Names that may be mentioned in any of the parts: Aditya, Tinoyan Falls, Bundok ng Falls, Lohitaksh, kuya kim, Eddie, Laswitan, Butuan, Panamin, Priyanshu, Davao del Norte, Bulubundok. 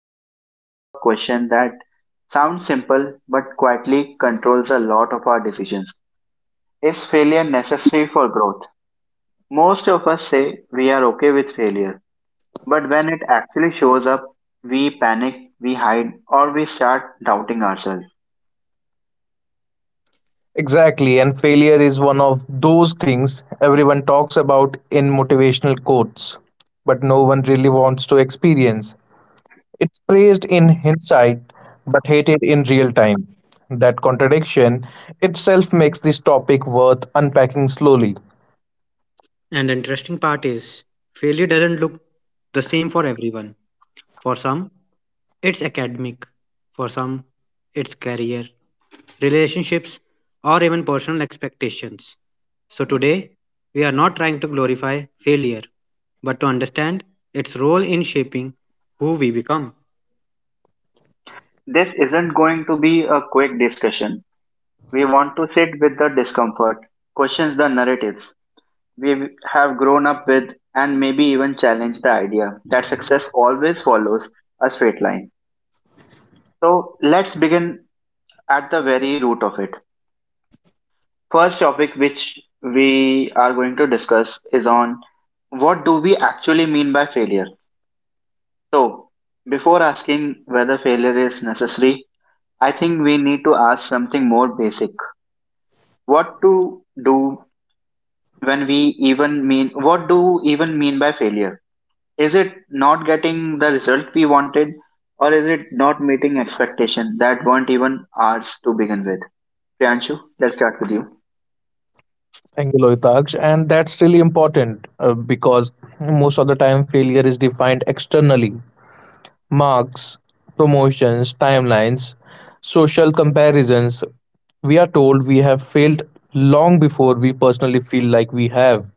diving into a question that sounds simple but quietly controls a lot of our decisions. Is failure necessary for growth? Most of us say we are okay with failure, but when it actually shows up, we panic, we hide, or we start doubting ourselves. Exactly, and failure is one of those things everyone talks about in motivational quotes, but no one really wants to experience. It's praised in hindsight, but hated in real time. That contradiction itself makes this topic worth unpacking slowly. And the interesting part is, failure doesn't look the same for everyone. For some, it's academic. For some, it's career, relationships, or even personal expectations. So today, we are not trying to glorify failure, but to understand its role in shaping who we become. This isn't going to be a quick discussion. We want to sit with the discomfort, questions the narratives, we have grown up with and maybe even challenge the idea that success always follows a straight line. So let's begin at the very root of it. First topic which we are going to discuss is on, what do we actually mean by failure? So before asking whether failure is necessary, I think we need to ask something more basic. What to do when we even mean, what do even mean by failure? Is it not getting the result we wanted, or is it not meeting expectations that weren't even ours to begin with? Priyanshu, let's start with you. Thank you, Lohitaksh. And that's really important because most of the time failure is defined externally, marks, promotions, timelines, social comparisons. We are told we have failed long before we personally feel like we have.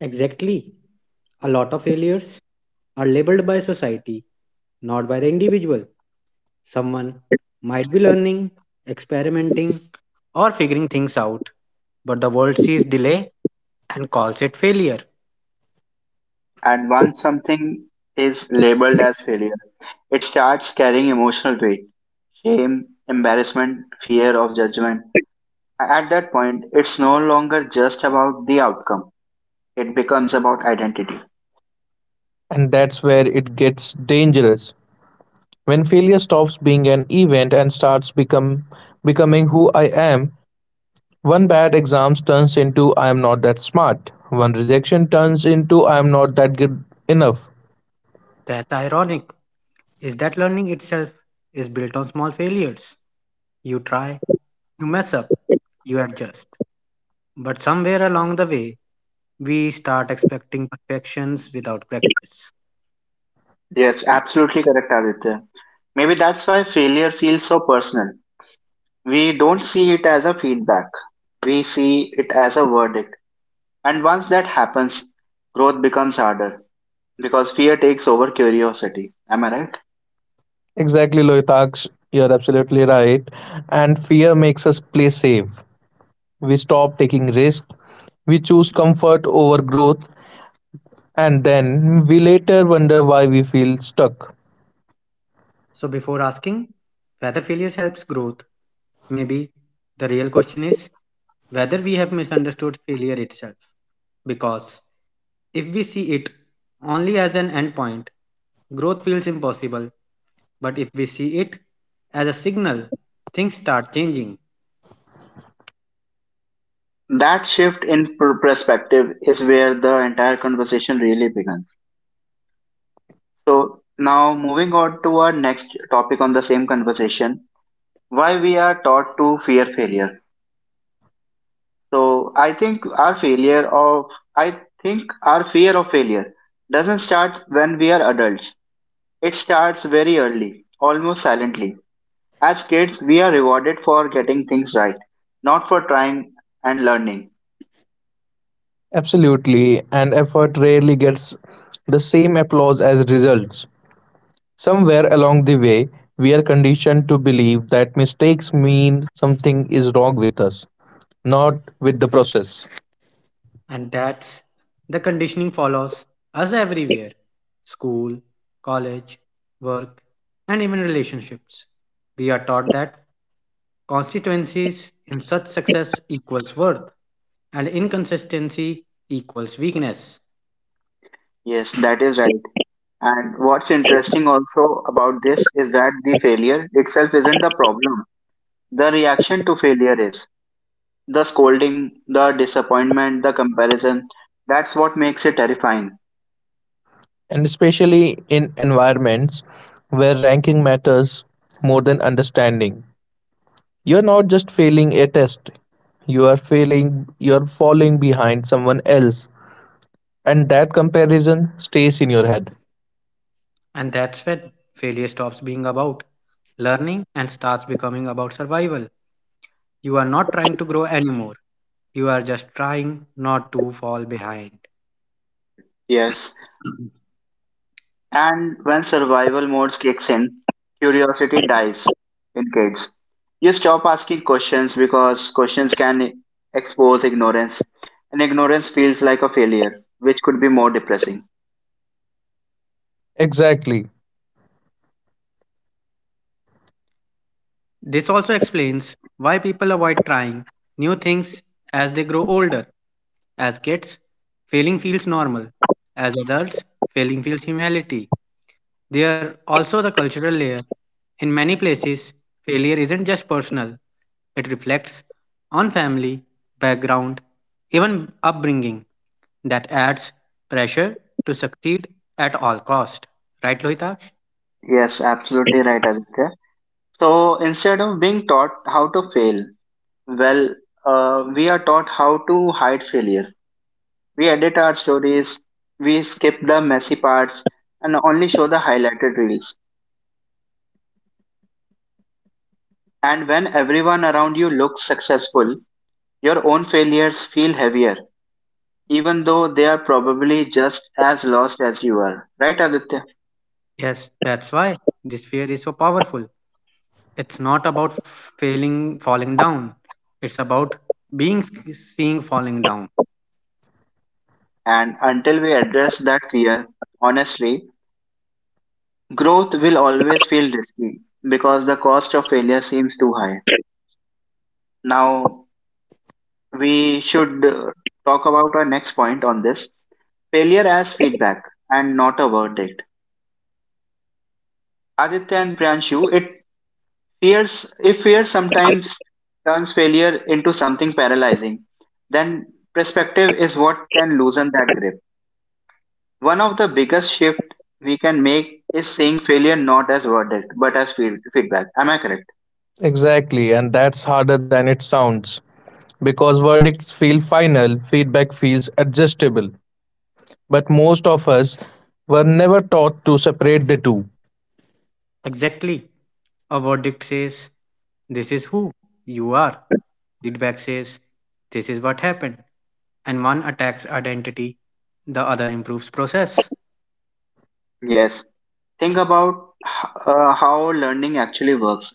Exactly. A lot of failures are labeled by society, not by the individual. Someone might be learning, experimenting, or figuring things out, but the world sees delay and calls it failure. And once something is labeled as failure, it starts carrying emotional weight, shame, embarrassment, fear of judgment. At that point, it's no longer just about the outcome, it becomes about identity. And that's where it gets dangerous. When failure stops being an event and starts become becoming who I am, one bad exam turns into I am not that smart. One rejection turns into I am not that good enough. That's ironic, is that learning itself is built on small failures. You try, you mess up, you adjust. But somewhere along the way, we start expecting perfections without practice. Yes, absolutely correct, Aditya. Maybe that's why failure feels so personal. We don't see it as a feedback. We see it as a verdict. And once that happens, growth becomes harder because fear takes over curiosity. Am I right? Exactly, Loitaks, you're absolutely right. And fear makes us play safe. We stop taking risks, we choose comfort over growth, and then we later wonder why we feel stuck. So, before asking whether failure helps growth, maybe the real question is whether we have misunderstood failure itself. Because if we see it only as an endpoint, growth feels impossible. But if we see it as a signal, things start changing. That shift in perspective is where the entire conversation really begins. So, now moving on to our next topic on the same conversation, why we are taught to fear failure. So, I think our fear of failure doesn't start when we are adults. It starts very early, almost silently. As kids, we are rewarded for getting things right, not for trying and learning. Absolutely, and effort rarely gets the same applause as results. Somewhere along the way, we are conditioned to believe that mistakes mean something is wrong with us, not with the process. And that's the conditioning follows us everywhere school, college, work, and even relationships. We are taught that Constituencies in such success equals worth, and inconsistency equals weakness. Yes, that is right. And what's interesting also about this is that the failure itself isn't the problem. The reaction to failure is the scolding, the disappointment, the comparison. That's what makes it terrifying. And especially in environments where ranking matters more than understanding, you're not just failing a test. You are failing, you're falling behind someone else. And that comparison stays in your head. And that's when failure stops being about learning and starts becoming about survival. You are not trying to grow anymore, you are just trying not to fall behind. Yes. And when survival mode kicks in, curiosity dies in kids. You stop asking questions because questions can expose ignorance, and ignorance feels like a failure, which could be more depressing. Exactly, This also explains why people avoid trying new things as they grow older. As kids, failing feels normal. As adults, failing feels humility. There also the cultural layer. In many places, failure isn't just personal, it reflects on family, background, even upbringing that adds pressure to succeed at all cost. Right, Lohitaksh? Yes, absolutely right, Aditya. So instead of being taught how to fail, well, we are taught how to hide failure. We edit our stories, we skip the messy parts, and only show the highlighted reels. And when everyone around you looks successful, your own failures feel heavier, even though they are probably just as lost as you are. Right, Aditya? Yes, that's why this fear is so powerful. It's not about failing, falling down. It's about being seeing falling down. And until we address that fear, honestly, growth will always feel risky because the cost of failure seems too high. Now, we should talk about our next point on this, failure as feedback and not a verdict. Aditya and Priyanshu, if fear sometimes turns failure into something paralyzing, then perspective is what can loosen that grip. One of the biggest shift we can make is seeing failure not as verdict but as feedback. Am I correct? exactly. And that's harder than it sounds. Because verdicts feel final, feedback feels adjustable. But most of us were never taught to separate the two. Exactly. A verdict says, this is who you are. Feedback says, this is what happened. And one attacks identity, the other improves process. Yes. Think about how learning actually works.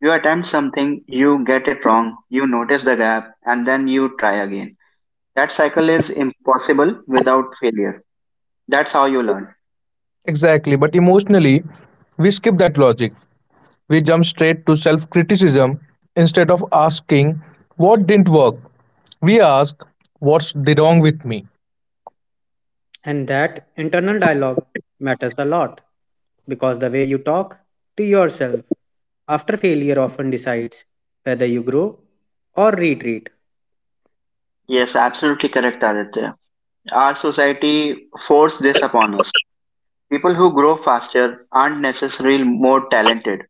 You attempt something, you get it wrong, you notice the gap, and then you try again. That cycle is impossible without failure. That's how you learn. Exactly. But emotionally, we skip that logic. We jump straight to self criticism instead of asking what didn't work. We ask what's the wrong with me. And that internal dialogue matters a lot because the way you talk to yourself after failure often decides whether you grow or retreat. Yes, absolutely correct, Aditya. Our society forced this upon us. People who grow faster aren't necessarily more talented.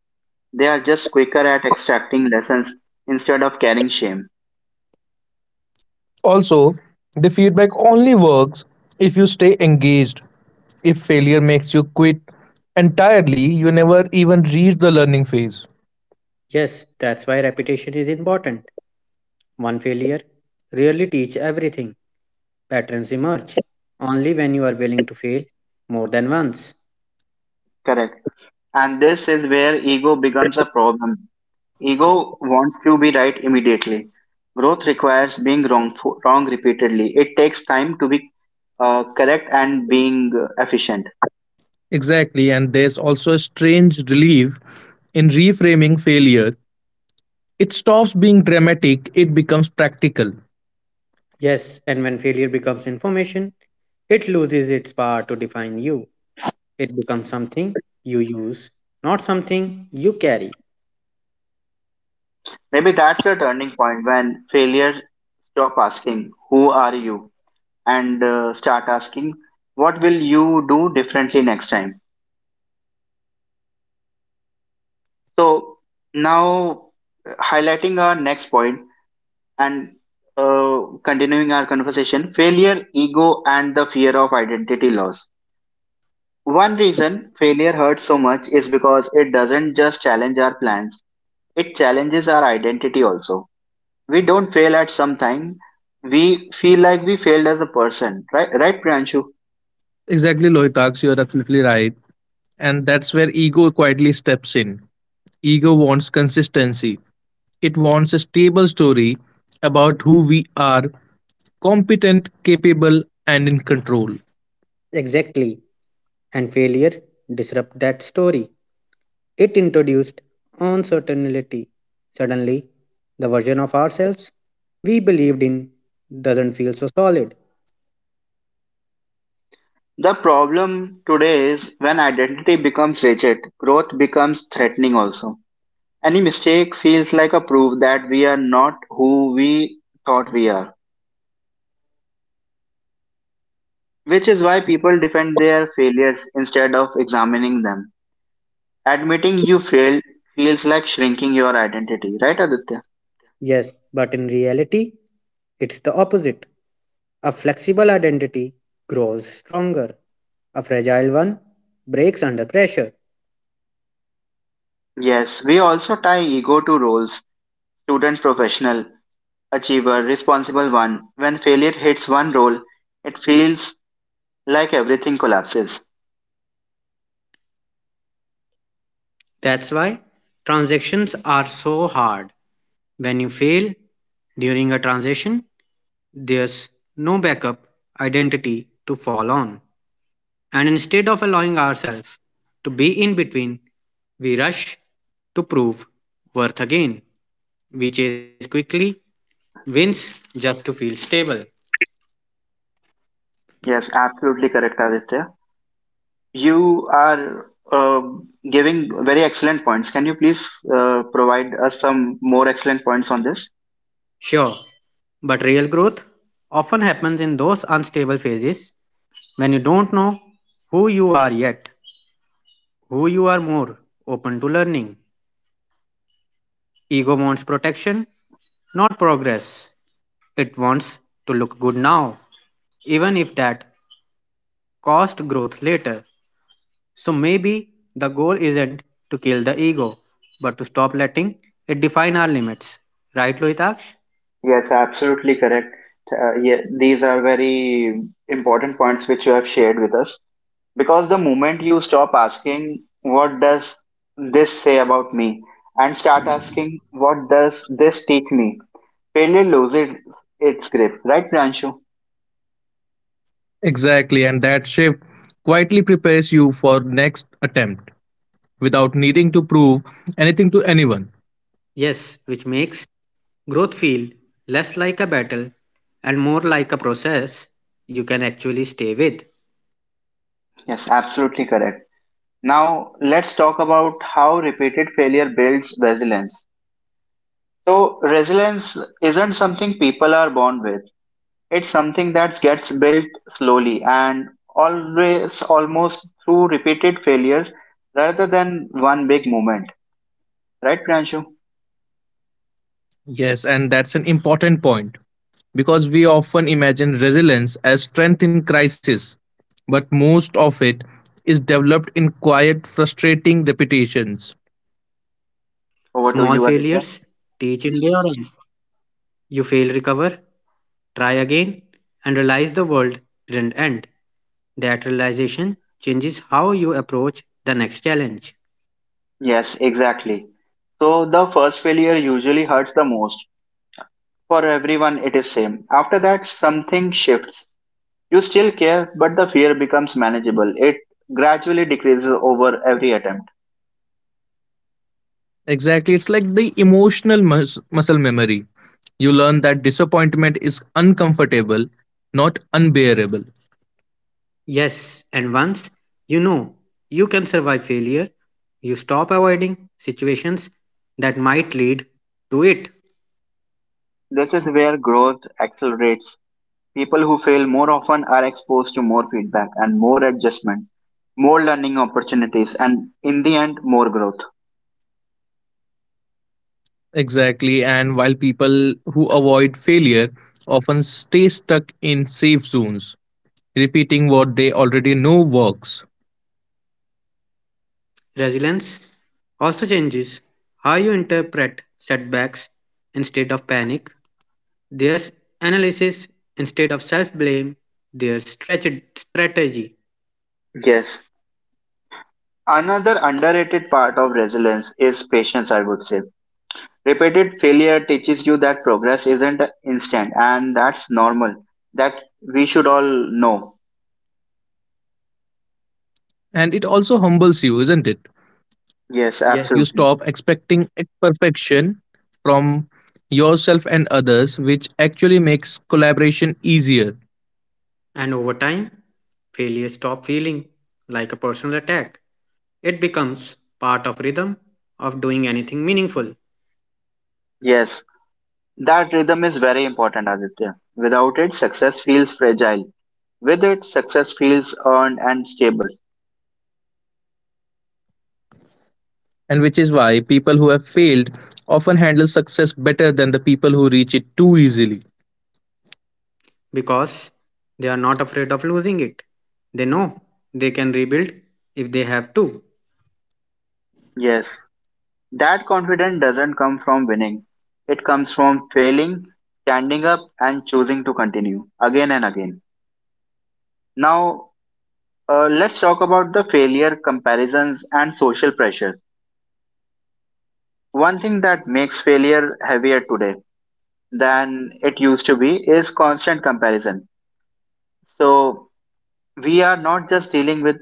They are just quicker at extracting lessons instead of carrying shame. Also, the feedback only works if you stay engaged. If failure makes you quit entirely, you never even reach the learning phase. Yes, that's why repetition is important. One failure rarely teaches everything. Patterns emerge only when you are willing to fail more than once. Correct. And this is where ego becomes a problem. Ego wants to be right immediately. Growth requires being wrong, wrong repeatedly. It takes time to be correct and being efficient. Exactly, and there's also a strange relief in reframing failure. It stops being dramatic, it becomes practical. Yes, and when failure becomes information, it loses its power to define you. It becomes something you use, not something you carry. Maybe that's the turning point when failures stop asking, who are you? And start asking, what will you do differently next time? So now, highlighting our next point and uh, continuing our conversation, failure ego and the fear of identity loss. One reason failure hurts so much is because it doesn't just challenge our plans, it challenges our identity also. We don't fail at some time, we feel like we failed as a person. Right, Priyanshu? Exactly, Lohitaksh, you're absolutely right. And that's where ego quietly steps in. Ego wants consistency, it wants a stable story about who we are, competent, capable, and in control. Exactly. And failure disrupt that story. It introduced uncertainty. Suddenly, the version of ourselves we believed in doesn't feel so solid. The problem today is when identity becomes rigid, growth becomes threatening also. Any mistake feels like a proof that we are not who we thought we are, which is why people defend their failures instead of examining them. Admitting you failed feels like shrinking your identity, right, Aditya? Yes, but in reality, it's the opposite. A flexible identity grows stronger. A fragile one breaks under pressure. Yes, we also tie ego to roles, student, professional, achiever, responsible one. When failure hits one role, it feels like everything collapses. That's why transactions are so hard. When you fail during a transaction, there's no backup identity to fall on. And instead of allowing ourselves to be in between, we rush to prove worth again. We chase quickly wins just to feel stable. Yes, absolutely correct, Aditya. You are giving very excellent points. Can you please provide us some more excellent points on this? Sure, but real growth often happens in those unstable phases when you don't know who you are yet, who you are more open to learning, Ego wants protection, not progress. It wants to look good now, even if that cost growth later. So maybe the goal isn't to kill the ego, but to stop letting it define our limits. Right, Lohitaksh? Yes, absolutely correct. Yeah, these are very important points which you have shared with us. Because the moment you stop asking, what does this say about me? And start asking, what does this teach me? Failure loses its grip, right, Pranshu? Exactly, and that shift quietly prepares you for next attempt without needing to prove anything to anyone. Yes, which makes growth feel less like a battle and more like a process you can actually stay with. Yes, absolutely correct. Now, let's talk about how repeated failure builds resilience. So, resilience isn't something people are born with. It's something that gets built slowly and always almost through repeated failures rather than one big moment. Right, Pranshu? Yes, and that's an important point because we often imagine resilience as strength in crisis, but most of it is developed in quiet, frustrating repetitions. Over to Small you, Aditya. failures teach endurance. You fail, recover, try again, and realize the world didn't end. That realization changes how you approach the next challenge. Yes, exactly. So, the first failure usually hurts the most. For everyone, it is same. After that, something shifts. You still care, but the fear becomes manageable. It gradually decreases over every attempt. Exactly, it's like the emotional muscle memory. You learn that disappointment is uncomfortable, not unbearable. Yes, and once you know you can survive failure, you stop avoiding situations that might lead to it. This is where growth accelerates. People who fail more often are exposed to more feedback and more adjustment, more learning opportunities, and in the end, more growth. Exactly, and while people who avoid failure often stay stuck in safe zones, repeating what they already know works. Resilience also changes how you interpret setbacks instead of panic. There's analysis instead of self blame. There's strategy. Yes. Another underrated part of resilience is patience, I would say. Repeated failure teaches you that progress isn't instant, and that's normal. That we should all know. And it also humbles you, isn't it? Yes, You Yes, stop absolutely. expecting perfection from yourself and others, which actually makes collaboration easier. and over time, failure stop feeling like a personal attack, it becomes part of rhythm of doing anything meaningful Yes. That rhythm is very important, Aditya. Without it, success feels fragile. With it, success feels earned and stable. And which is why people who have failed often handle success better than the people who reach it too easily. because they are not afraid of losing it. They know they can rebuild if they have to. Yes, that confidence doesn't come from winning. It comes from failing, standing up, and choosing to continue again and again. Now, let's talk about the failure comparisons and social pressure. One thing that makes failure heavier today than it used to be is constant comparison. So, we are not just dealing with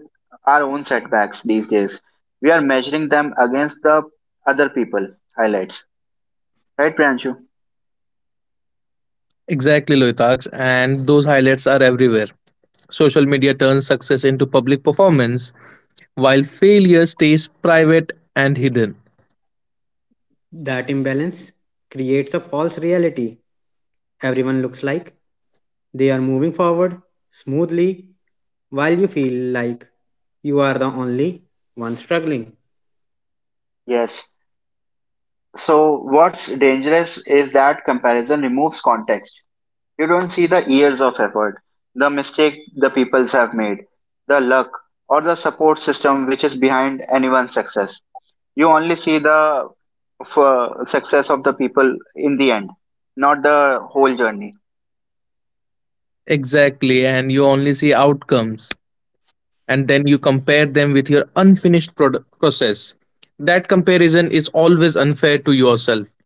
our own setbacks these days. We are measuring them against the other people highlights. Right, Priyanshu? Exactly, Loitaks, and those highlights are everywhere. Social media turns success into public performance, while failure stays private and hidden. That imbalance creates a false reality. Everyone looks like they are moving forward smoothly while you feel like you are the only one struggling. Yes. So what's dangerous is that comparison removes context. You don't see the years of effort, the mistake the peoples have made, the luck or the support system which is behind anyone's success. You only see the success of the people in the end, not the whole journey. Exactly, and you only see outcomes, and then you compare them with your unfinished process. That comparison is always unfair to yourself.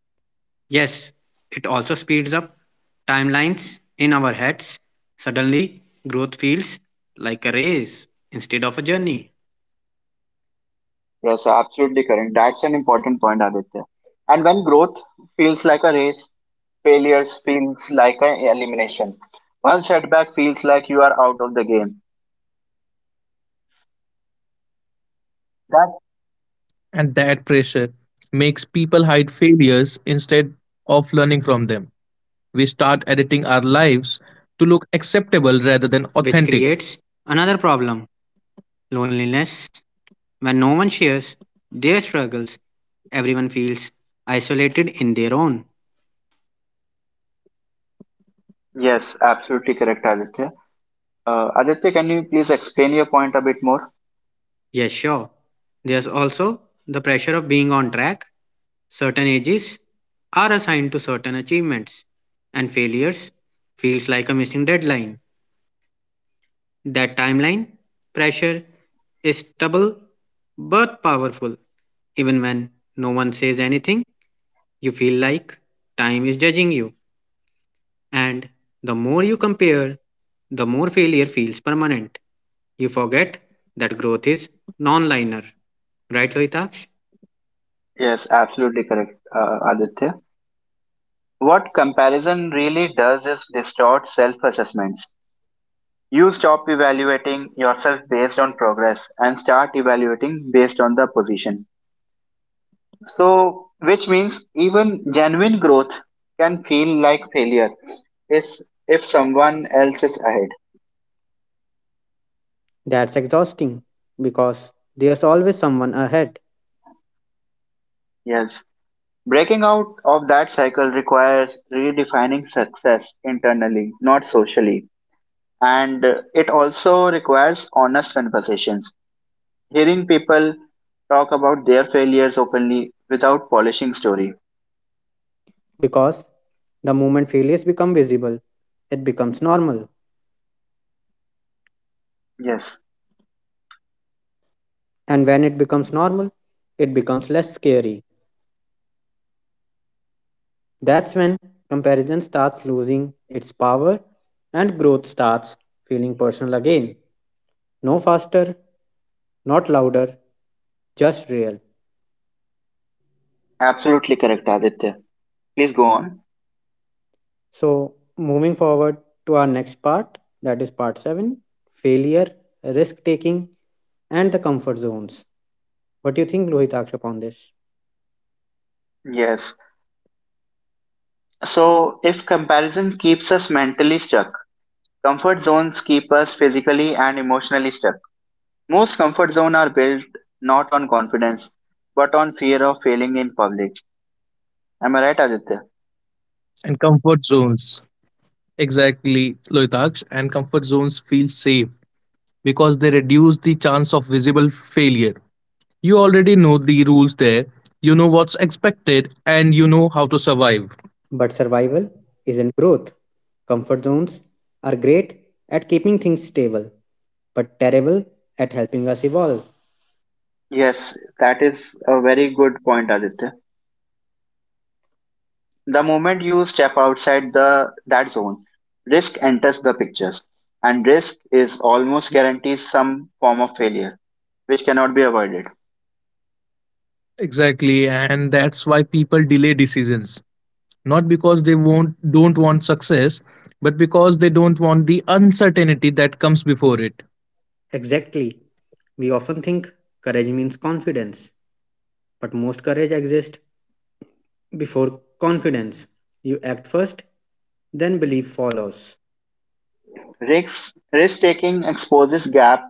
Yes, it also speeds up timelines in our heads. Suddenly, growth feels like a race instead of a journey, Yes, absolutely correct. That's an important point, Aditya. And when growth feels like a race, failures feels like an elimination. One setback feels like you are out of the game. And that pressure That, makes people hide failures instead of learning from them. We start editing our lives to look acceptable rather than authentic. which creates another problem loneliness. When no one shares their struggles, everyone feels isolated in their own. yes, absolutely correct, Aditya. Aditya, can you please explain your point a bit more? Yes, sure. There's also the pressure of being on track. Certain ages are assigned to certain achievements, and failures feels like a missing deadline. That timeline pressure is double but powerful. Even when no one says anything, you feel like time is judging you. And the more you compare, the more failure feels permanent. You forget that growth is non linear. Right, Lohitaksh? Yes, absolutely correct, Aditya. What comparison really does is distort self-assessments. You stop evaluating yourself based on progress and start evaluating based on the position. So, which means even genuine growth can feel like failure is if someone else is ahead. That's exhausting because there's always someone ahead. Yes. Breaking out of that cycle requires redefining success internally, not socially. And it also requires honest conversations. Hearing people talk about their failures openly without polishing story. Because the moment failures become visible, it becomes normal. Yes. And when it becomes normal, it becomes less scary. That's when comparison starts losing its power and growth starts feeling personal again. No faster, not louder, just real. Absolutely correct, Aditya. Please go on. So, moving forward to our next part, that is part 7 failure, risk taking, and the comfort zones. What do you think, Lohitaksha, upon this? Yes. So, if comparison keeps us mentally stuck, comfort zones keep us physically and emotionally stuck. Most comfort zones are built not on confidence, but on fear of failing in public. Am I right, Aditya? And comfort zones. Exactly, Loitaksh. And comfort zones feel safe because they reduce the chance of visible failure. You already know the rules there, you know what's expected, and you know how to survive. But survival isn't growth. Comfort zones are great at keeping things stable, but terrible at helping us evolve. Yes, that is a very good point, Aditya. The moment you step outside the that zone, risk enters the pictures, and risk is almost guarantees some form of failure, which cannot be avoided. Exactly, and that's why people delay decisions, not because they won't don't want success but because they don't want the uncertainty that comes before it. Exactly. We often think courage means confidence, but most courage exists before confidence. You act first, then belief follows. Risk risk taking exposes gap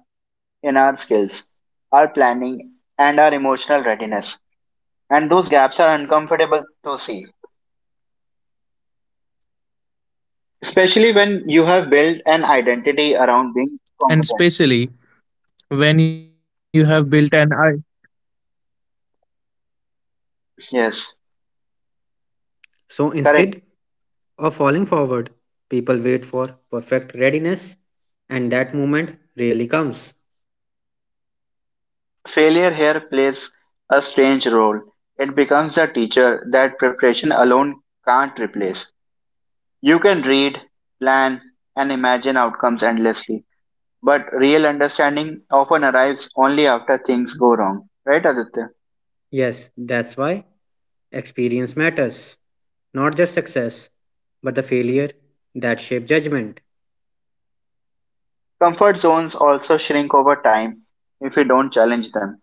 in our skills, our planning, and our emotional readiness. And those gaps are uncomfortable to see, And especially when you have built especially an i— when you have built an identity around being competent. Yes, So correct. instead of falling forward, people wait for perfect readiness, and that moment really comes. Failure here plays a strange role. It becomes a teacher that preparation alone can't replace. You can read, plan, and imagine outcomes endlessly, but real understanding often arrives only after things go wrong. Right, Aditya? Yes, that's why experience matters, not just success, but the failure that shape judgment. Comfort zones also shrink over time if we don't challenge them.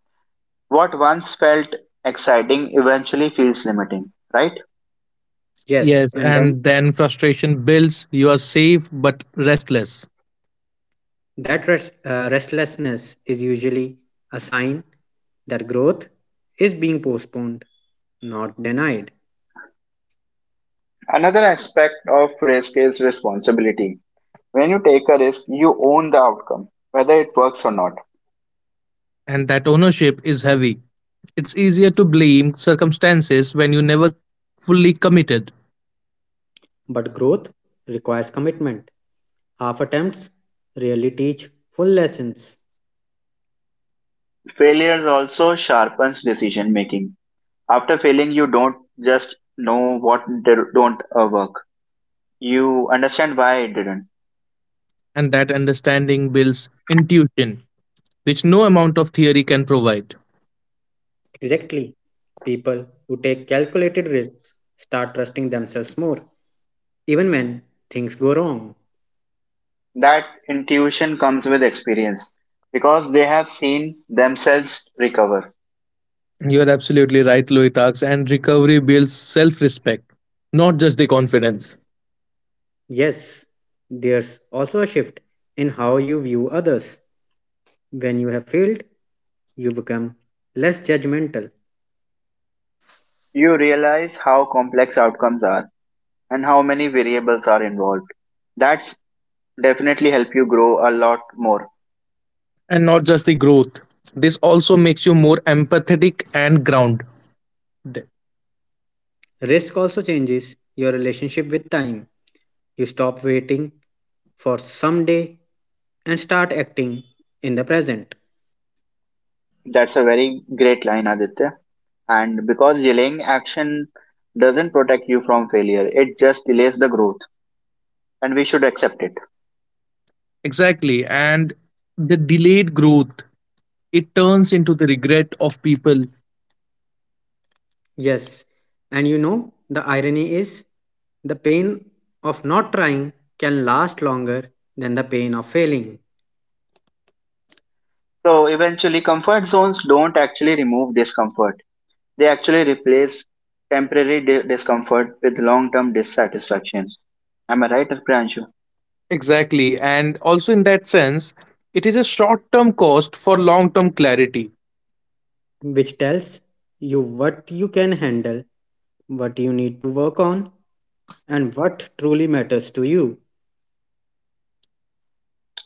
What once felt exciting eventually feels limiting, right? Yes, yes, and then and then frustration builds, you are safe but restless. that rest, restlessness is usually a sign that growth is being postponed, not denied. Another aspect of risk is responsibility. When you take a risk, you own the outcome, whether it works or not. And that ownership is heavy, it's easier to blame circumstances when you never fully committed. But growth requires commitment. Half attempts rarely teach full lessons. Failures also sharpens decision making. After failing, you don't just know what did- don't work. You understand why it didn't. And that understanding builds intuition which no amount of theory can provide. Exactly. People who take calculated risks start trusting themselves more, even when things go wrong. That intuition comes with experience because they have seen themselves recover. You're absolutely right, Loitaks. And recovery builds self respect, not just the confidence. Yes, there's also a shift in how you view others. When you have failed, you become less judgmental. You realize how complex outcomes are and how many variables are involved. That's definitely help you grow a lot more. And not just the growth. This also makes you more empathetic and grounded. Risk also changes your relationship with time. You stop waiting for someday and start acting in the present. That's a very great line, Aditya. And because delaying action doesn't protect you from failure, it just delays the growth, and we should accept it. Exactly. And the delayed growth, it turns into the regret of people. Yes, and you know, the irony is the pain of not trying can last longer than the pain of failing, So, eventually, comfort zones don't actually remove discomfort, they actually replace temporary discomfort with long term dissatisfaction. Am I right, Priyanshu? Exactly. And also, in that sense, it is a short term cost for long term clarity. which tells you what you can handle, what you need to work on, and what truly matters to you.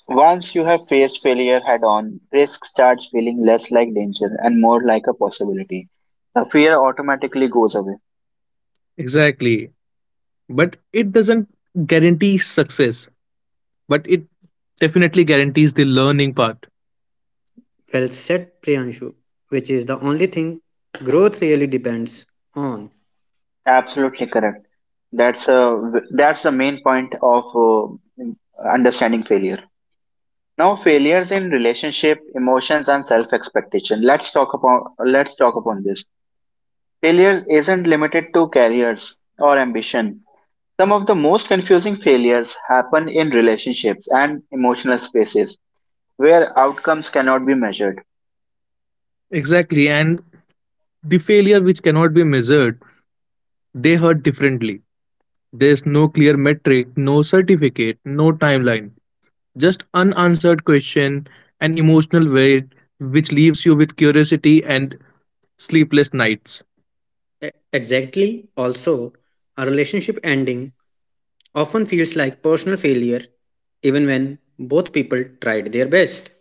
Once you have faced failure head on, risk starts feeling less like danger and more like a possibility. The fear automatically goes away. Exactly. But it doesn't guarantee success, but it definitely guarantees the learning part. Well said, Priyanshu, which is the only thing growth really depends on. Absolutely correct. That's a, that's the main point of understanding failure. Now, failures in relationship, emotions, and self-expectation. Let's talk upon this. Failures isn't limited to careers or ambition. Some of the most confusing failures happen in relationships and emotional spaces where outcomes cannot be measured. Exactly, and the failure which cannot be measured, they hurt differently. There's no clear metric, no certificate, no timeline, just unanswered question and emotional weight which leaves you with curiosity and sleepless nights. Exactly, also, a relationship ending often feels like personal failure even when both people tried their best.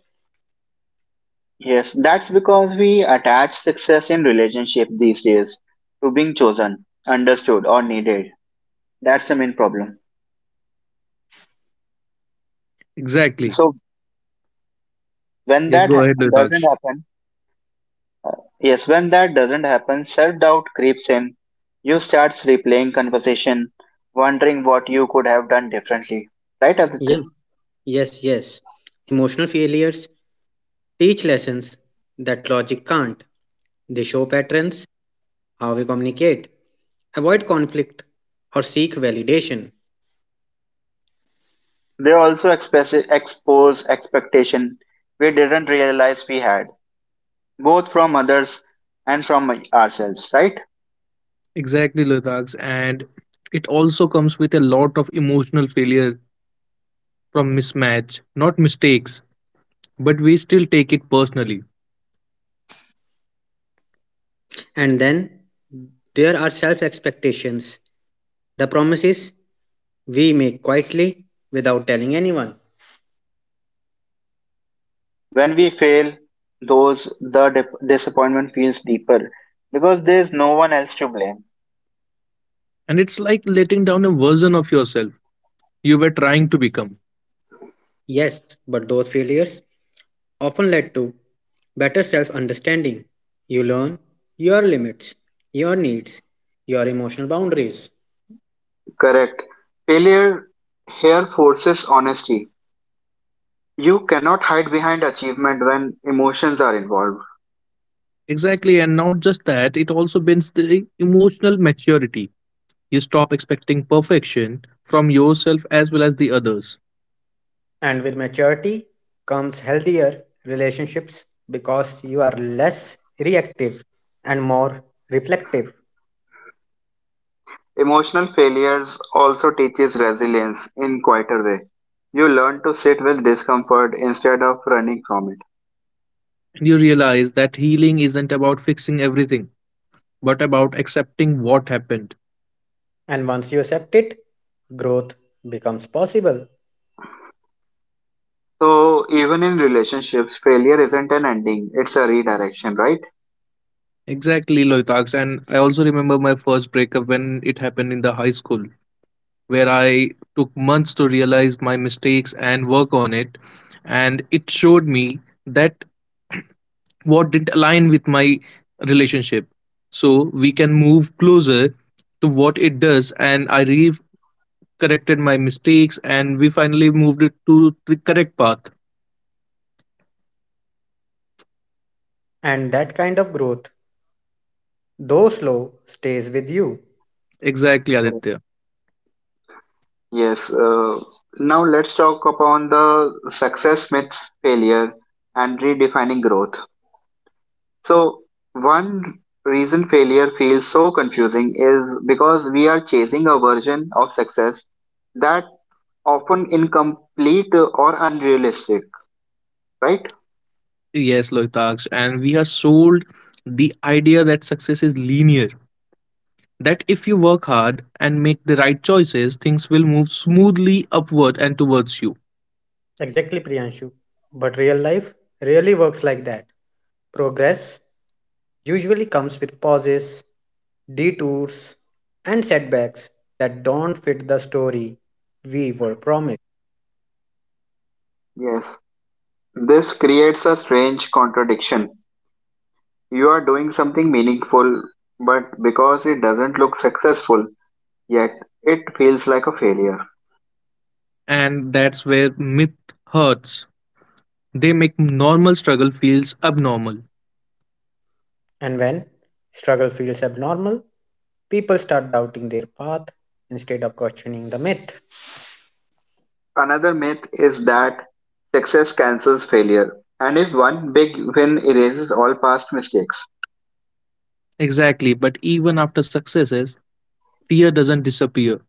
Yes, that's because we attach success in relationship these days to being chosen, understood, or needed. That's the main problem. Exactly. So when Yes, that go ha- ahead, doesn't Litaksh. happen, yes, when that doesn't happen, self-doubt creeps in. You start replaying conversation, wondering what you could have done differently. Right, Aditya? Yes, yes, yes. Emotional failures teach lessons that logic can't. They show patterns, how we communicate, avoid conflict, or seek validation. They also expose expectation we didn't realize we had, both from others and from ourselves, right? Exactly, Litaksh. And it also comes with a lot of emotional failure from mismatch, not mistakes, but we still take it personally. And then there are self expectations, the promises we make quietly without telling anyone. When we fail, disappointment feels deeper because there is no one else to blame. And it's like letting down a version of yourself you were trying to become. Yes, but those failures often led to better self understanding. You learn your limits, your needs, your emotional boundaries. Correct. Failure here forces honesty. You cannot hide behind achievement when emotions are involved. Exactly. And not just that, it also builds the emotional maturity. You stop expecting perfection from yourself as well as the others. And with maturity comes healthier relationships because you are less reactive and more reflective. Emotional failures also teaches resilience in quieter way. You learn to sit with discomfort instead of running from it. And you realize that healing isn't about fixing everything, but about accepting what happened. And once you accept it, growth becomes possible. So even in relationships, failure isn't an ending; it's a redirection, right? Exactly, Loitaks. And I also remember my first breakup when it happened in the high school, where I took months to realize my mistakes and work on it. And it showed me that what didn't align with my relationship, so we can move closer to what it does, and I re corrected my mistakes and we finally moved it to the correct path. And that kind of growth, though slow, stays with you. Exactly, Aditya. Yes. Uh, Now let's talk upon the success myths, failure, and redefining growth. So one reason failure feels so confusing is because we are chasing a version of success that often incomplete or unrealistic, right? Yes, Loitaksh, and we are sold the idea that success is linear, that if you work hard and make the right choices, things will move smoothly upward and towards you. Exactly, Priyanshu. But real life really works like that. Progress usually comes with pauses, detours, and setbacks that don't fit the story we were promised. Yes. This creates a strange contradiction. You are doing something meaningful, but because it doesn't look successful yet, it feels like a failure. And that's where myth hurts, they make normal struggle feels abnormal. And when struggle feels abnormal, people start doubting their path instead of questioning the myth, Another myth is that success cancels failure, and if one big win erases all past mistakes. Exactly, but even after successes, fear doesn't disappear.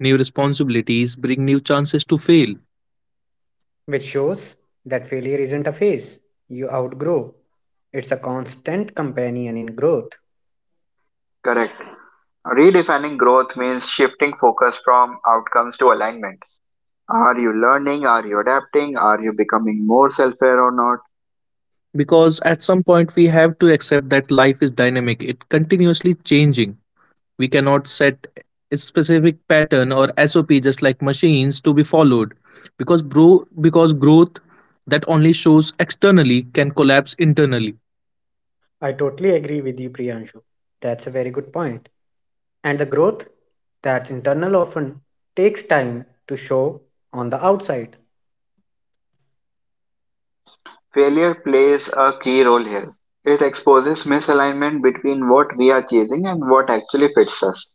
New responsibilities bring new chances to fail. which shows that failure isn't a phase you outgrow, it's a constant companion in growth. Correct. Redefining growth means shifting focus from outcomes to alignment. Are you learning? Are you adapting? Are you becoming more self aware or not? Because at some point, we have to accept that life is dynamic, it continuously changing. We cannot set a specific pattern or SOP just like machines to be followed. Because, bro, because growth that only shows externally can collapse internally. I totally agree with you, Priyanshu. That's a very good point. And the growth that's internal often takes time to show on the outside. Failure plays a key role here. It exposes misalignment between what we are chasing and what actually fits us.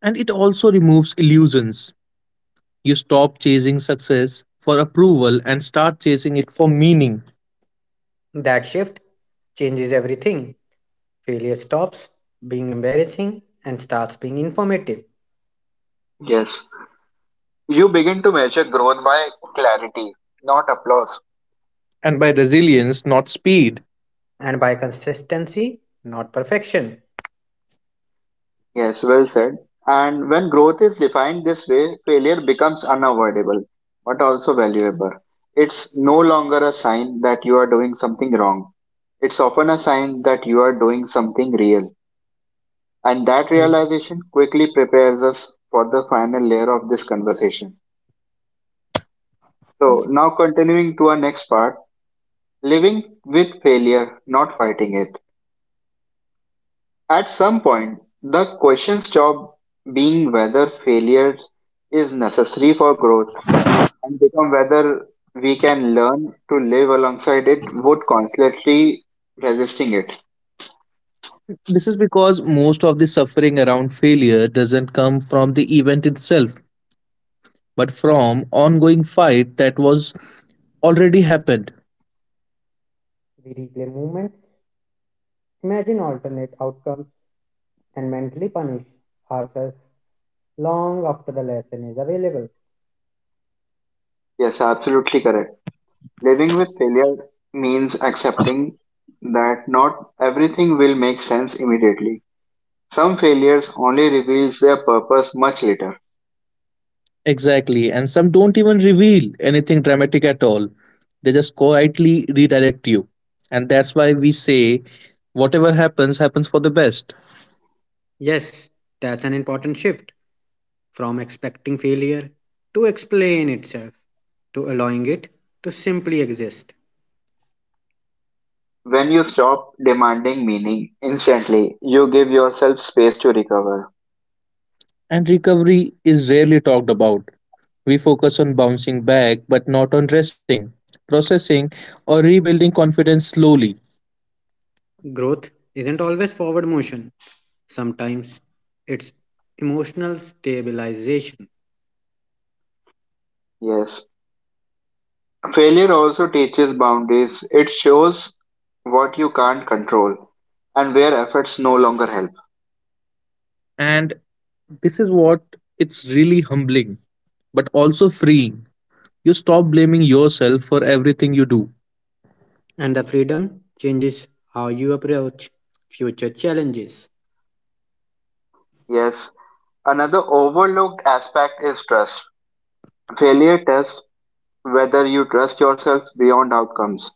And it also removes illusions. You stop chasing success for approval and start chasing it for meaning. That shift changes everything. Failure stops being embarrassing and starts being informative. Yes. You begin to measure growth by clarity, not applause. And by resilience, not speed. And by consistency, not perfection. Yes, well said. And when growth is defined this way, failure becomes unavoidable, but also valuable. It's no longer a sign that you are doing something wrong. It's often a sign that you are doing something real. And that And realization quickly prepares us for the final layer of this conversation. So, now continuing to our next part living with failure, not fighting it. At some point, the question stops being whether failure is necessary for growth and become whether we can learn to live alongside it would constantly resisting it. This is because most of the suffering around failure doesn't come from the event itself, but from ongoing fight that was already happened. we replay movements, imagine alternate outcomes, and mentally punish ourselves long after the lesson is available. Yes, absolutely correct. Living with failure means accepting that not everything will make sense immediately. Some failures only reveals their purpose much later. Exactly, and some don't even reveal anything dramatic at all. They just quietly redirect you. And that's why we say whatever happens, happens for the best. Yes, that's an important shift from expecting failure to explain itself to allowing it to simply exist. When you stop demanding meaning instantly, you give yourself space to recover. And recovery is rarely talked about. We focus on bouncing back, but not on resting, processing, or rebuilding confidence slowly. Growth isn't always forward motion, sometimes it's emotional stabilization, Yes, failure also teaches boundaries. It shows what you can't control and where efforts no longer help. And this is what it's really humbling, but also freeing. You stop blaming yourself for everything you do. and the freedom changes how you approach future challenges. Yes, another overlooked aspect is trust. Failure tests whether you trust yourself beyond outcomes.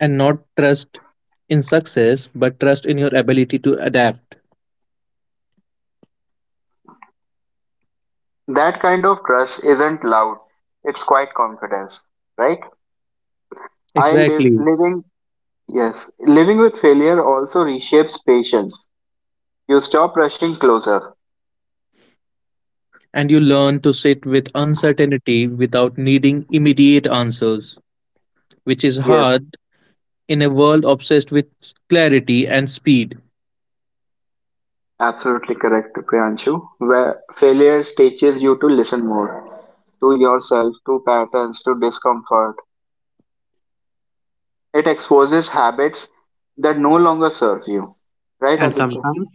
And not trust in success, but trust in your ability to adapt. That kind of trust isn't loud, it's quite confidence, right? I live Exactly. living yes, living with failure also reshapes patience. You stop rushing closer. And you learn to sit with uncertainty without needing immediate answers, which is Yes, hard in a world obsessed with clarity and speed. absolutely correct, Priyanshu. Where failure teaches you to listen more to yourself, to patterns, to discomfort. It exposes habits that no longer serve you. Right, And Aditya? sometimes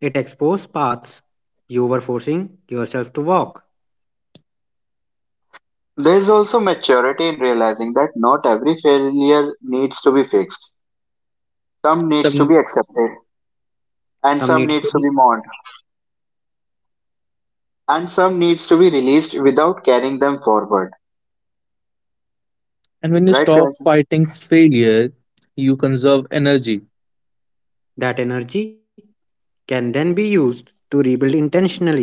it exposes paths you were forcing yourself to walk. There's also maturity in realizing that not every failure needs to be fixed. Some needs to Some, be accepted, and Some some needs needs to to be be mourned, and some needs to be released without carrying them forward. and when you Right, stop Priyanshu? fighting failure, you conserve energy, that energy can then be used to rebuild intentionally.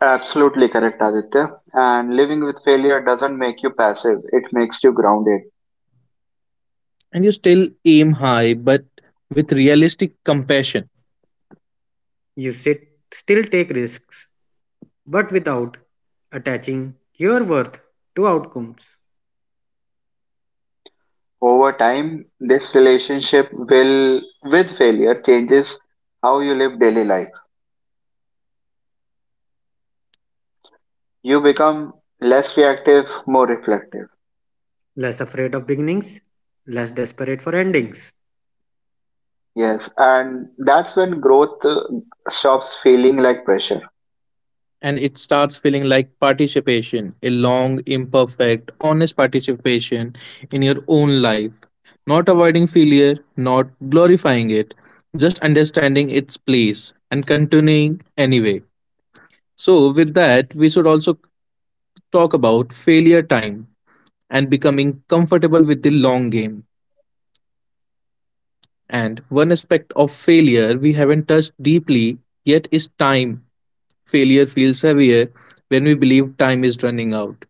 Absolutely correct, Aditya. And living with failure doesn't make you passive, it makes you grounded. and you still aim high, but with realistic compassion. You sit, still take risks, but without attaching your worth to outcomes. Over time, this relationship will, with failure, changes how you live daily life. You become less reactive, more reflective. Less afraid of beginnings, less desperate for endings. Yes, and that's when growth stops feeling like pressure. And it starts feeling like participation, a long imperfect honest participation in your own life, not avoiding failure, not glorifying it, just understanding its place and continuing anyway. So with that, we should also talk about failure, time, and becoming comfortable with the long game. And one aspect of failure we haven't touched deeply yet is time. Failure feels heavier when we believe time is running out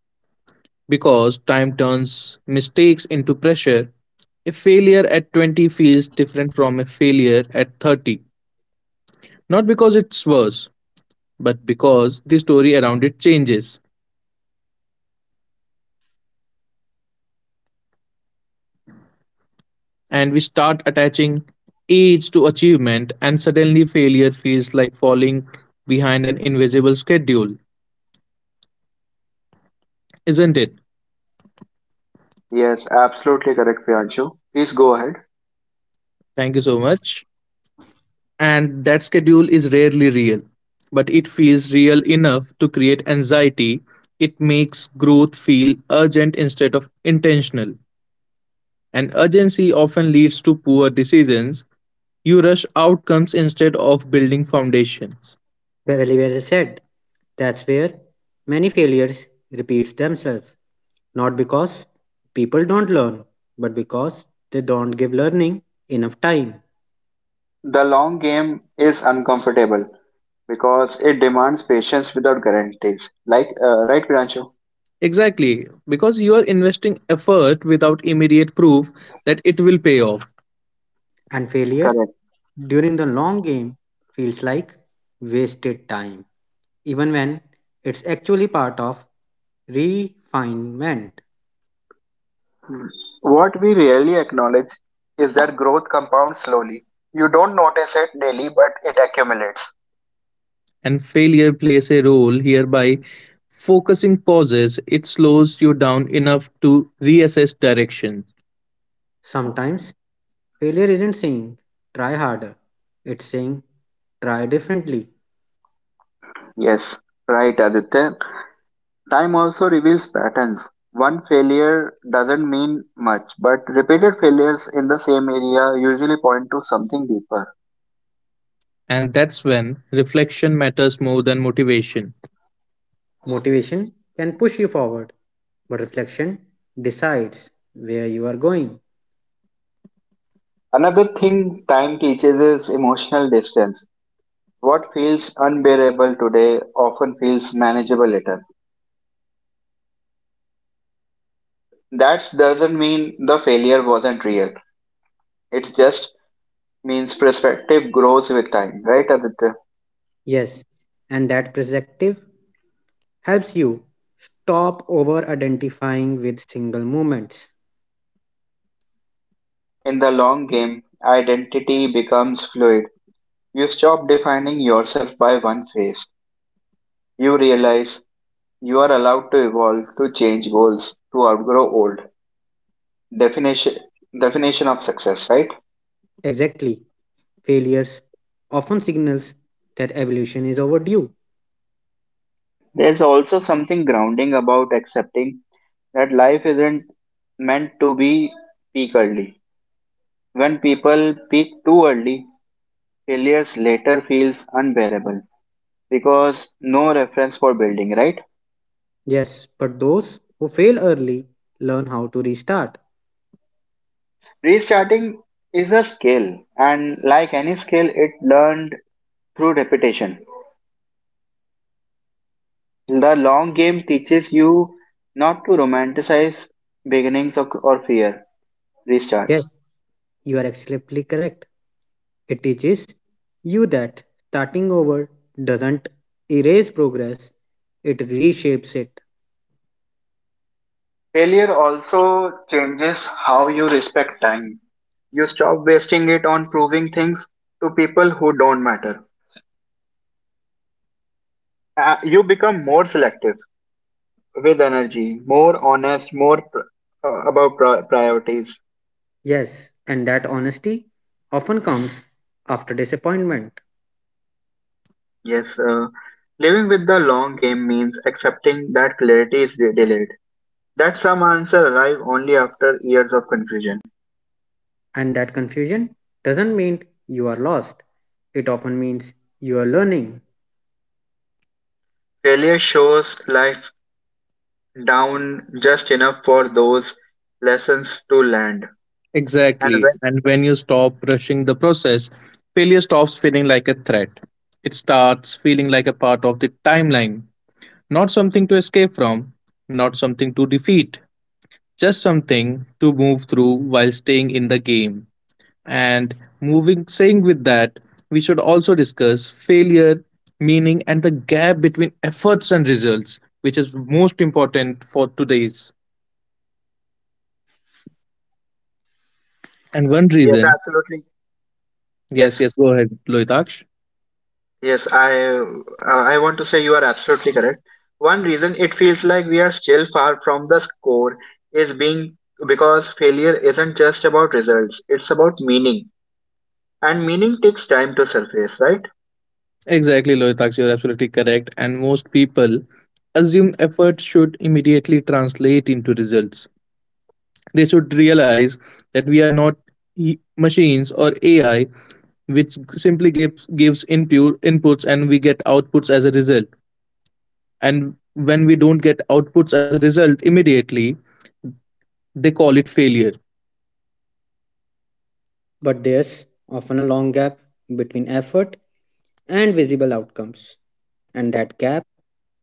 because time turns mistakes into pressure. A failure at 20 feels different from a failure at 30. Not because it's worse, but because the story around it changes. And we start attaching age to achievement, and suddenly failure feels like falling behind an invisible schedule, isn't it? Yes, absolutely correct, Priyanshu. Please go ahead. Thank you so much. And that schedule is rarely real, but it feels real enough to create anxiety. It makes growth feel urgent instead of intentional, and urgency often leads to poor decisions. You rush outcomes instead of building foundations. Very well said. That's where many failures repeats themselves, not because people don't learn, but because they don't give learning enough time. The long game is uncomfortable because it demands patience without guarantees. Like, right, Priyanshu? Exactly, because you are investing effort without immediate proof that it will pay off, And failure Correct. during the long game feels like wasted time, even when it's actually part of refinement. What we rarely acknowledge is that growth compounds slowly. You don't notice it daily, but it accumulates. and failure plays a role here by focusing pauses, it slows you down enough to reassess direction. Sometimes failure isn't saying try harder, it's saying try differently. Yes, right, Aditya. Time also reveals patterns. One failure doesn't mean much, but repeated failures in the same area usually point to something deeper. And that's when reflection matters more than motivation. Motivation can push you forward, but reflection decides where you are going. Another thing time teaches is emotional distance. What feels unbearable today often feels manageable later. That doesn't mean the failure wasn't real. It's just means perspective grows with time, right, Aditya? Yes, and that perspective helps you stop over identifying with single moments. In the long game, identity becomes fluid. You stop defining yourself by one phase. You realize you are allowed to evolve, to change goals, to outgrow old definition definition of success, right? Exactly, failures often signals that evolution is overdue. There's also something grounding about accepting that life isn't meant to be peak early. When people peak too early, failures later feels unbearable. Because no reference for building, right? Yes, but those who fail early learn how to restart. Restarting is a skill, and like any skill, it learned through repetition. The long game teaches you not to romanticize beginnings or fear restarts. Yes, you are absolutely correct. It teaches you that starting over doesn't erase progress, it reshapes it. Failure also changes how you respect time. You stop wasting it on proving things to people who don't matter. You become more selective with energy, more honest, about priorities. Yes, and that honesty often comes after disappointment, Yes, living with the long game means accepting that clarity is delayed, that some answers arrive only after years of confusion. and that confusion doesn't mean you are lost, it often means you are learning. Failure shows life down just enough for those lessons to land. And Exactly. when And when you stop rushing the process, failure stops feeling like a threat. It starts feeling like a part of the timeline, not something to escape from, not something to defeat, just something to move through while staying in the game. And moving, saying with that, we should also discuss failure, meaning, and the gap between efforts and results, which is most important for today's. And one yes, reason, absolutely, yes, yes, yes, go ahead, Lohitaksh. yes, I want to say you are absolutely correct. One reason it feels like we are still far from the score is being because failure isn't just about results; it's about meaning. And meaning takes time to surface, right? Exactly, Lohitaksh, you're absolutely correct. And most people assume effort should immediately translate into results. They should realize that we are not machines or AI, which simply gives input inputs and we get outputs as a result, and when we don't get outputs as a result immediately, they call it failure. But there's often a long gap between effort and visible outcomes, and that gap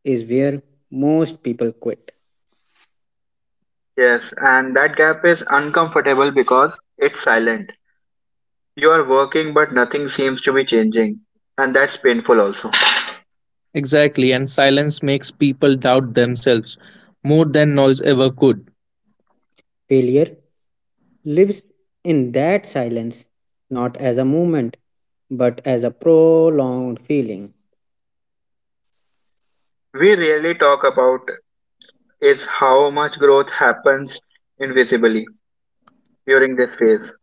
is where most people quit. Yes, and that gap is uncomfortable because it's silent. You are working, but nothing seems to be changing, and that's painful also. Exactly, and silence makes people doubt themselves more than noise ever could. Failure lives in that silence, not as a movement, but as a prolonged feeling. We rarely talk about is how much growth happens invisibly during this phase.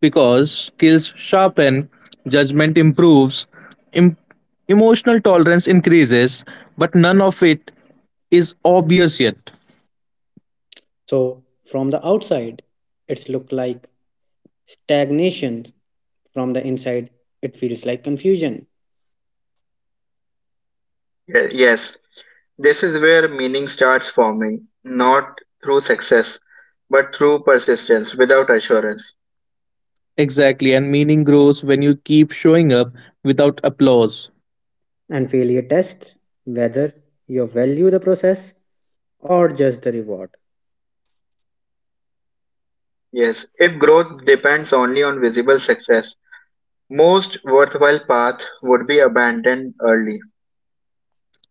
Because skills sharpen, judgment improves, em- emotional tolerance increases, but none of it is obvious yet. So, from the outside, it's look like stagnation. From the inside, it feels like confusion. Yes, this is where meaning starts forming, not through success, but through persistence without assurance. Exactly, and meaning grows when you keep showing up without applause. And failure tests whether you value the process or just the reward. Yes, if growth depends only on visible success, most worthwhile path would be abandoned early.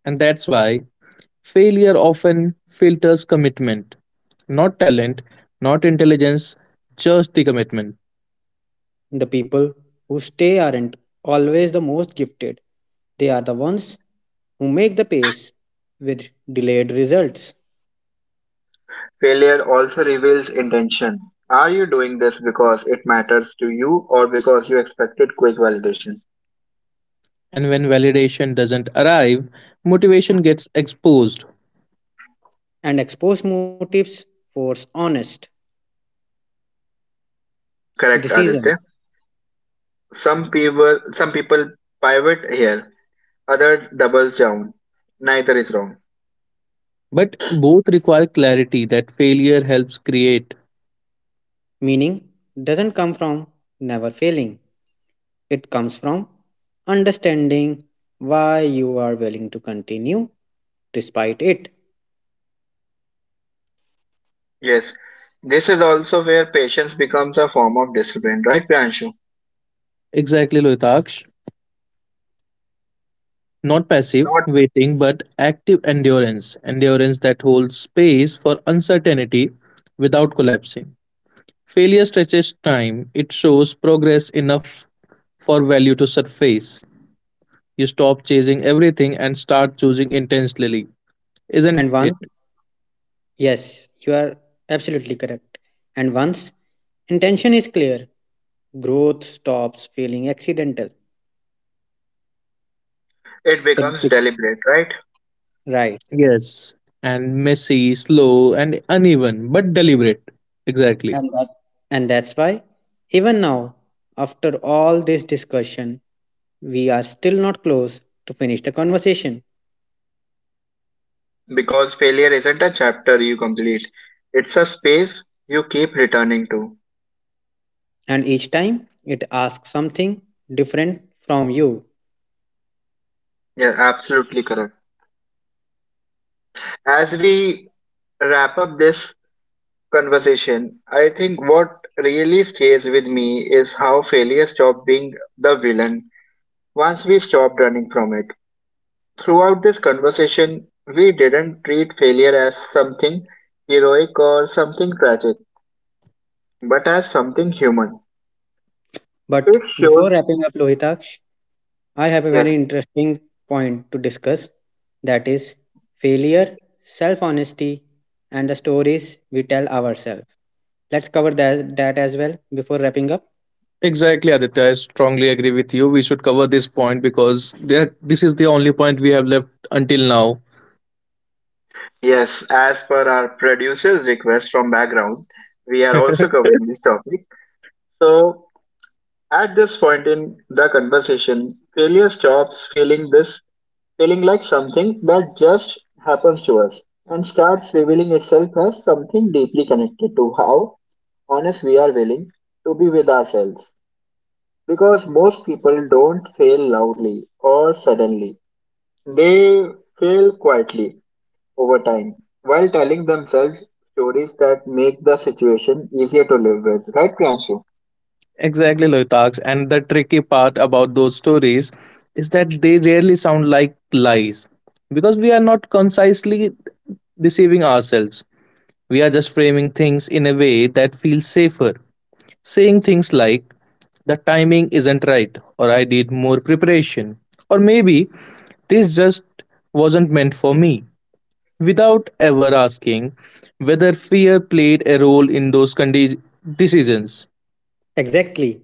And that's why failure often filters commitment, not talent, not intelligence, just the commitment. The people who stay aren't always the most gifted. They are the ones who make the pace with delayed results. Failure also reveals intention. Are you doing this because it matters to you or because you expected quick validation? And when validation doesn't arrive, motivation gets exposed. And exposed motives force honest Correct, decision. Aditya. Some people pivot here, others doubles down. Neither is wrong. But both require clarity that failure helps create. Meaning doesn't come from never failing, it comes from understanding why you are willing to continue despite it. Yes. This is also where patience becomes a form of discipline, right, Priyanshu? Exactly, Loitaksh. Not passive Not waiting, but active endurance. Endurance that holds space for uncertainty without collapsing. Failure stretches time, it shows progress enough for value to surface. You stop chasing everything and start choosing intensely, isn't And it? once, yes, you are absolutely correct. And once intention is clear, growth stops feeling accidental. It It, becomes it's deliberate, right? right. Yes. And messy, slow, and uneven, but deliberate. Exactly. And that's why even now, after all this discussion, we are still not close to finish the conversation. Because failure isn't a chapter you complete, it's a space you keep returning to. And each time it asks something different from you. Yeah, absolutely correct. As we wrap up this conversation, I think what really stays with me is how failure stopped being the villain once we stopped running from it. Throughout this conversation, we didn't treat failure as something heroic or something tragic, but as something human. But It before shows, wrapping up Lohitaksh, I have a very yes, interesting point to discuss that is failure, self honesty, and the stories we tell ourselves. Let's cover that as well before wrapping up. Exactly, Aditya. I strongly agree with you. We should cover this point because that this is the only point we have left until now. Yes, as per our producer's request from background, we are also covering this topic. So, at this point in the conversation, failure stops feeling like something that just happens to us and starts revealing itself as something deeply connected to how honest we are willing to be with ourselves. Because most people don't fail loudly or suddenly, they fail quietly over time while telling themselves stories that make the situation easier to live with. Right, Priyanshu? Exactly, Loitaks. And the tricky part about those stories is that they rarely sound like lies because we are not concisely deceiving ourselves. We are just framing things in a way that feels safer. Saying things like, the timing isn't right, or I need more preparation, or maybe this just wasn't meant for me, without ever asking whether fear played a role in those decisions. Exactly.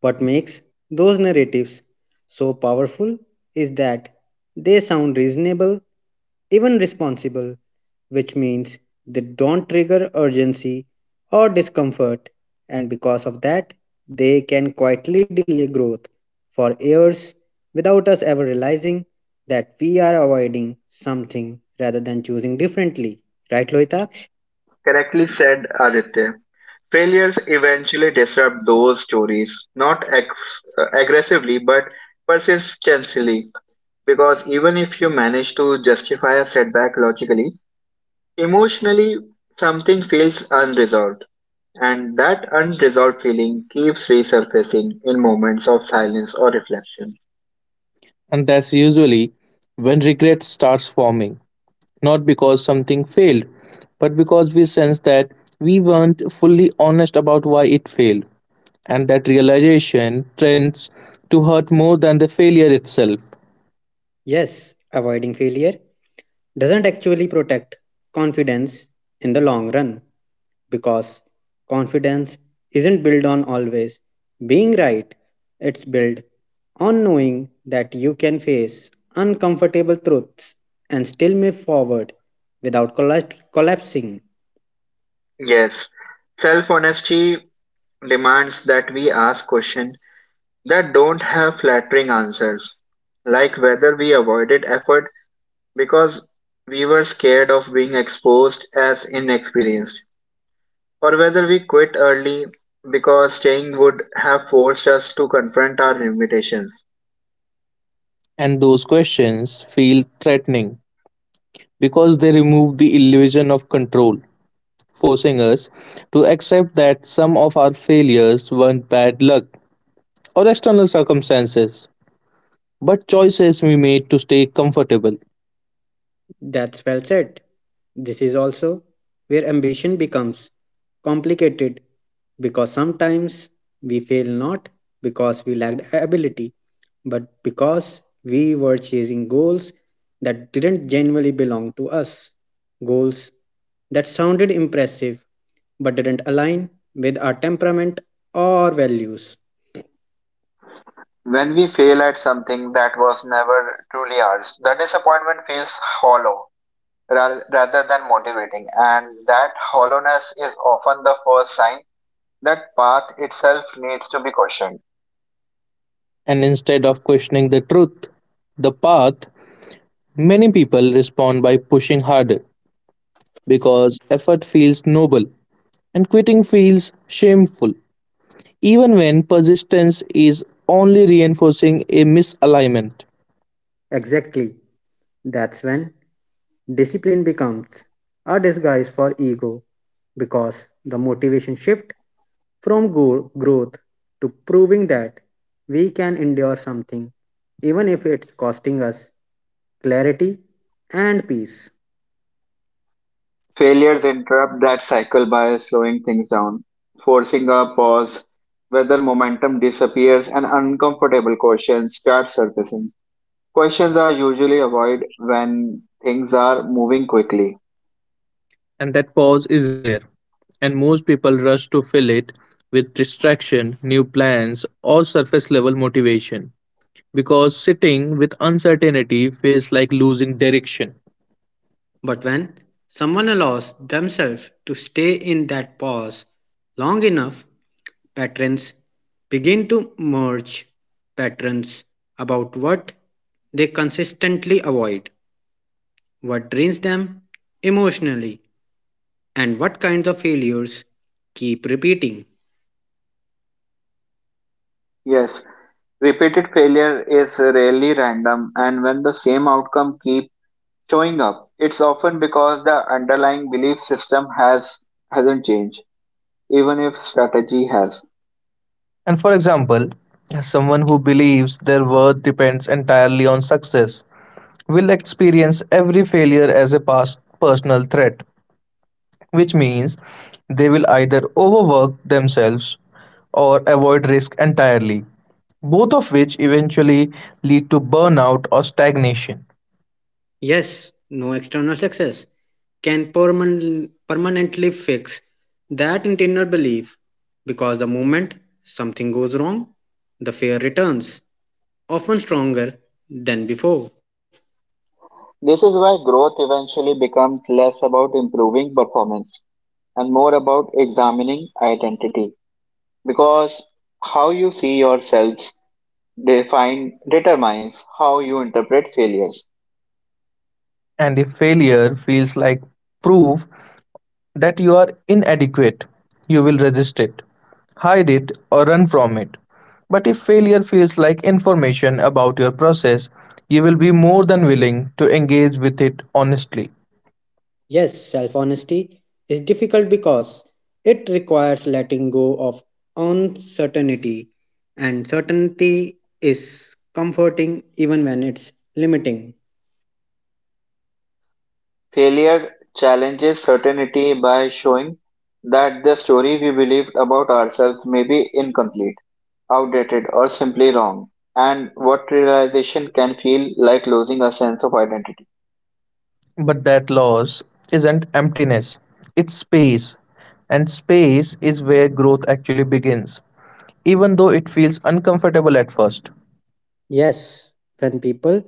What makes those narratives so powerful is that they sound reasonable, even responsible, which means they don't trigger urgency or discomfort, and because of that, they can quietly delay growth for years without us ever realizing that we are avoiding something rather than choosing differently. Right, Lohitaksh? Correctly said, Aditya. Failures eventually disrupt those stories, not aggressively but persistently, because even if you manage to justify a setback logically, emotionally something feels unresolved. And that unresolved feeling keeps resurfacing in moments of silence or reflection. And that's usually when regret starts forming, not because something failed, but because we sense that we weren't fully honest about why it failed. And that realization tends to hurt more than the failure itself. Yes, avoiding failure doesn't actually protect confidence in the long run because confidence isn't built on always being right, it's built on knowing that you can face uncomfortable truths and still move forward without collapsing. Yes, self honesty demands that we ask questions that don't have flattering answers, like whether we avoided effort because we were scared of being exposed as inexperienced, or whether we quit early because staying would have forced us to confront our limitations. And those questions feel threatening because they remove the illusion of control, forcing us to accept that some of our failures weren't bad luck or external circumstances, but choices we made to stay comfortable. That's well said. This is also where ambition becomes complicated because sometimes we fail not because we lacked ability, but because we were chasing goals that didn't genuinely belong to us. Goals that sounded impressive but didn't align with our temperament or values. When we fail at something that was never truly ours, the disappointment feels hollow rather than motivating, and that hollowness is often the first sign that path itself needs to be cautioned. And instead of questioning the truth, the path, many people respond by pushing harder because effort feels noble and quitting feels shameful, even when persistence is only reinforcing a misalignment. Exactly. That's when discipline becomes a disguise for ego because the motivation shift from growth to proving that we can endure something even if it's costing us clarity and peace. Failures interrupt that cycle by slowing things down, forcing a pause. Whether momentum disappears and uncomfortable questions start surfacing. Questions are usually avoided when things are moving quickly. And that pause is rare, and most people rush to fill it with distraction, new plans, or surface level motivation because sitting with uncertainty feels like losing direction. But when someone allows themselves to stay in that pause long enough patrons begin to merge patterns about what they consistently avoid, what drains them emotionally, and what kinds of failures keep repeating. Yes, repeated failure is rarely random, and when the same outcome keeps showing up. It's often because the underlying belief system hasn't changed, even if strategy has. And for example, someone who believes their worth depends entirely on success will experience every failure as a past personal threat, which means they will either overwork themselves or avoid risk entirely, both of which eventually lead to burnout or stagnation. Yes, no external success can permanently fix that internal belief because the moment something goes wrong, the fear returns, often stronger than before. This is why growth eventually becomes less about improving performance and more about examining identity. Because how you see yourselves define determines how you interpret failures. And if failure feels like proof that you are inadequate, you will resist it, hide it, or run from it. But if failure feels like information about your process, you will be more than willing to engage with it honestly. Yes, self honesty is difficult because it requires letting go of uncertainty, and certainty is comforting even when it's limiting. Failure challenges certainty by showing that the story we believed about ourselves may be incomplete outdated, or simply wrong, and what realization can feel like losing a sense of identity. But that loss isn't emptiness, it's space. And space is where growth actually begins, even though it feels uncomfortable at first. Yes, when people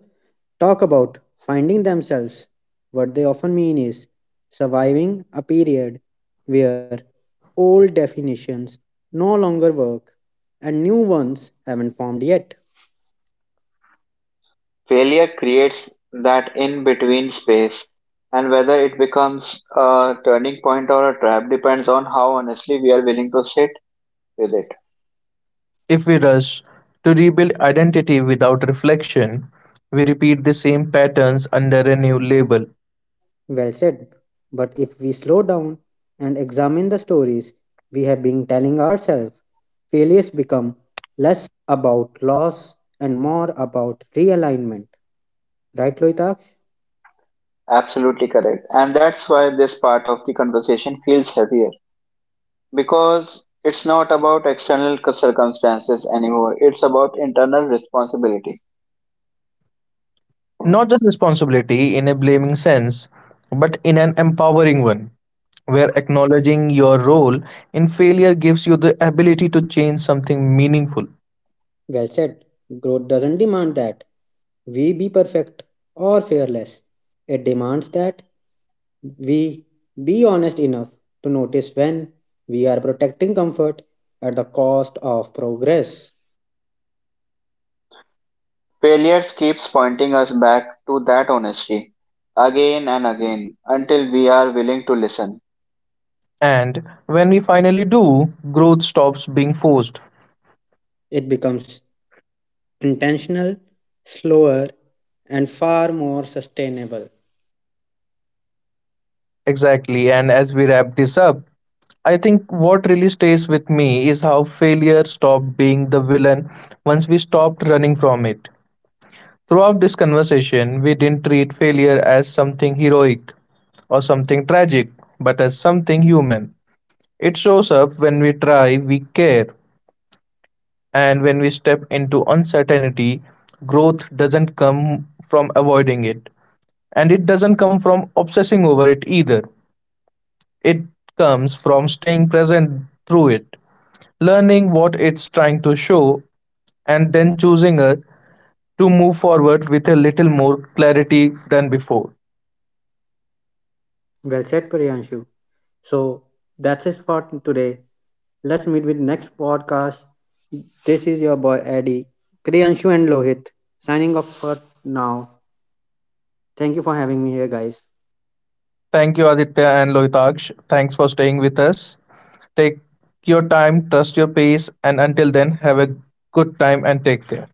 talk about finding themselves, what they often mean is surviving a period where old definitions no longer work and new ones haven't formed yet. Failure creates that in between space, and whether it becomes a turning point or a trap depends on how honestly we are willing to sit with it. If we rush to rebuild identity without reflection, we repeat the same patterns under a new label. Well said. But if we slow down and examine the stories we have been telling ourselves, failures become less about loss and more about realignment. Right, Loitaksh? Absolutely correct. And that's why this part of the conversation feels heavier because it's not about external circumstances anymore, it's about internal responsibility. Not just responsibility in a blaming sense, but in an empowering one, where acknowledging your role in failure gives you the ability to change something meaningful. Well said. Growth doesn't demand that we be perfect or fearless. It demands that we be honest enough to notice when we are protecting comfort at the cost of progress. Failures keeps pointing us back to that honesty again and again until we are willing to listen. And when we finally do, growth stops being forced. It becomes intentional, slower, and far more sustainable. Exactly. And as we wrap this up, I think what really stays with me is how failure stopped being the villain once we stopped running from it. Throughout this conversation, we didn't treat failure as something heroic or something tragic, but as something human. It shows up when we try, we care, and when we step into uncertainty, growth doesn't come from avoiding it. And it doesn't come from obsessing over it either. It comes from staying present through it, learning what it's trying to show, and then choosing her to move forward with a little more clarity than before. Well said, Priyanshu. So that's it for today. Let's meet with next podcast. This is your boy Eddie, Priyanshu and Lohit signing off for now. Thank you for having me here, guys. Thank you, Aditya and Lohitaksh. Thanks for staying with us. Take your time, trust your pace, and until then, have a good time and take care.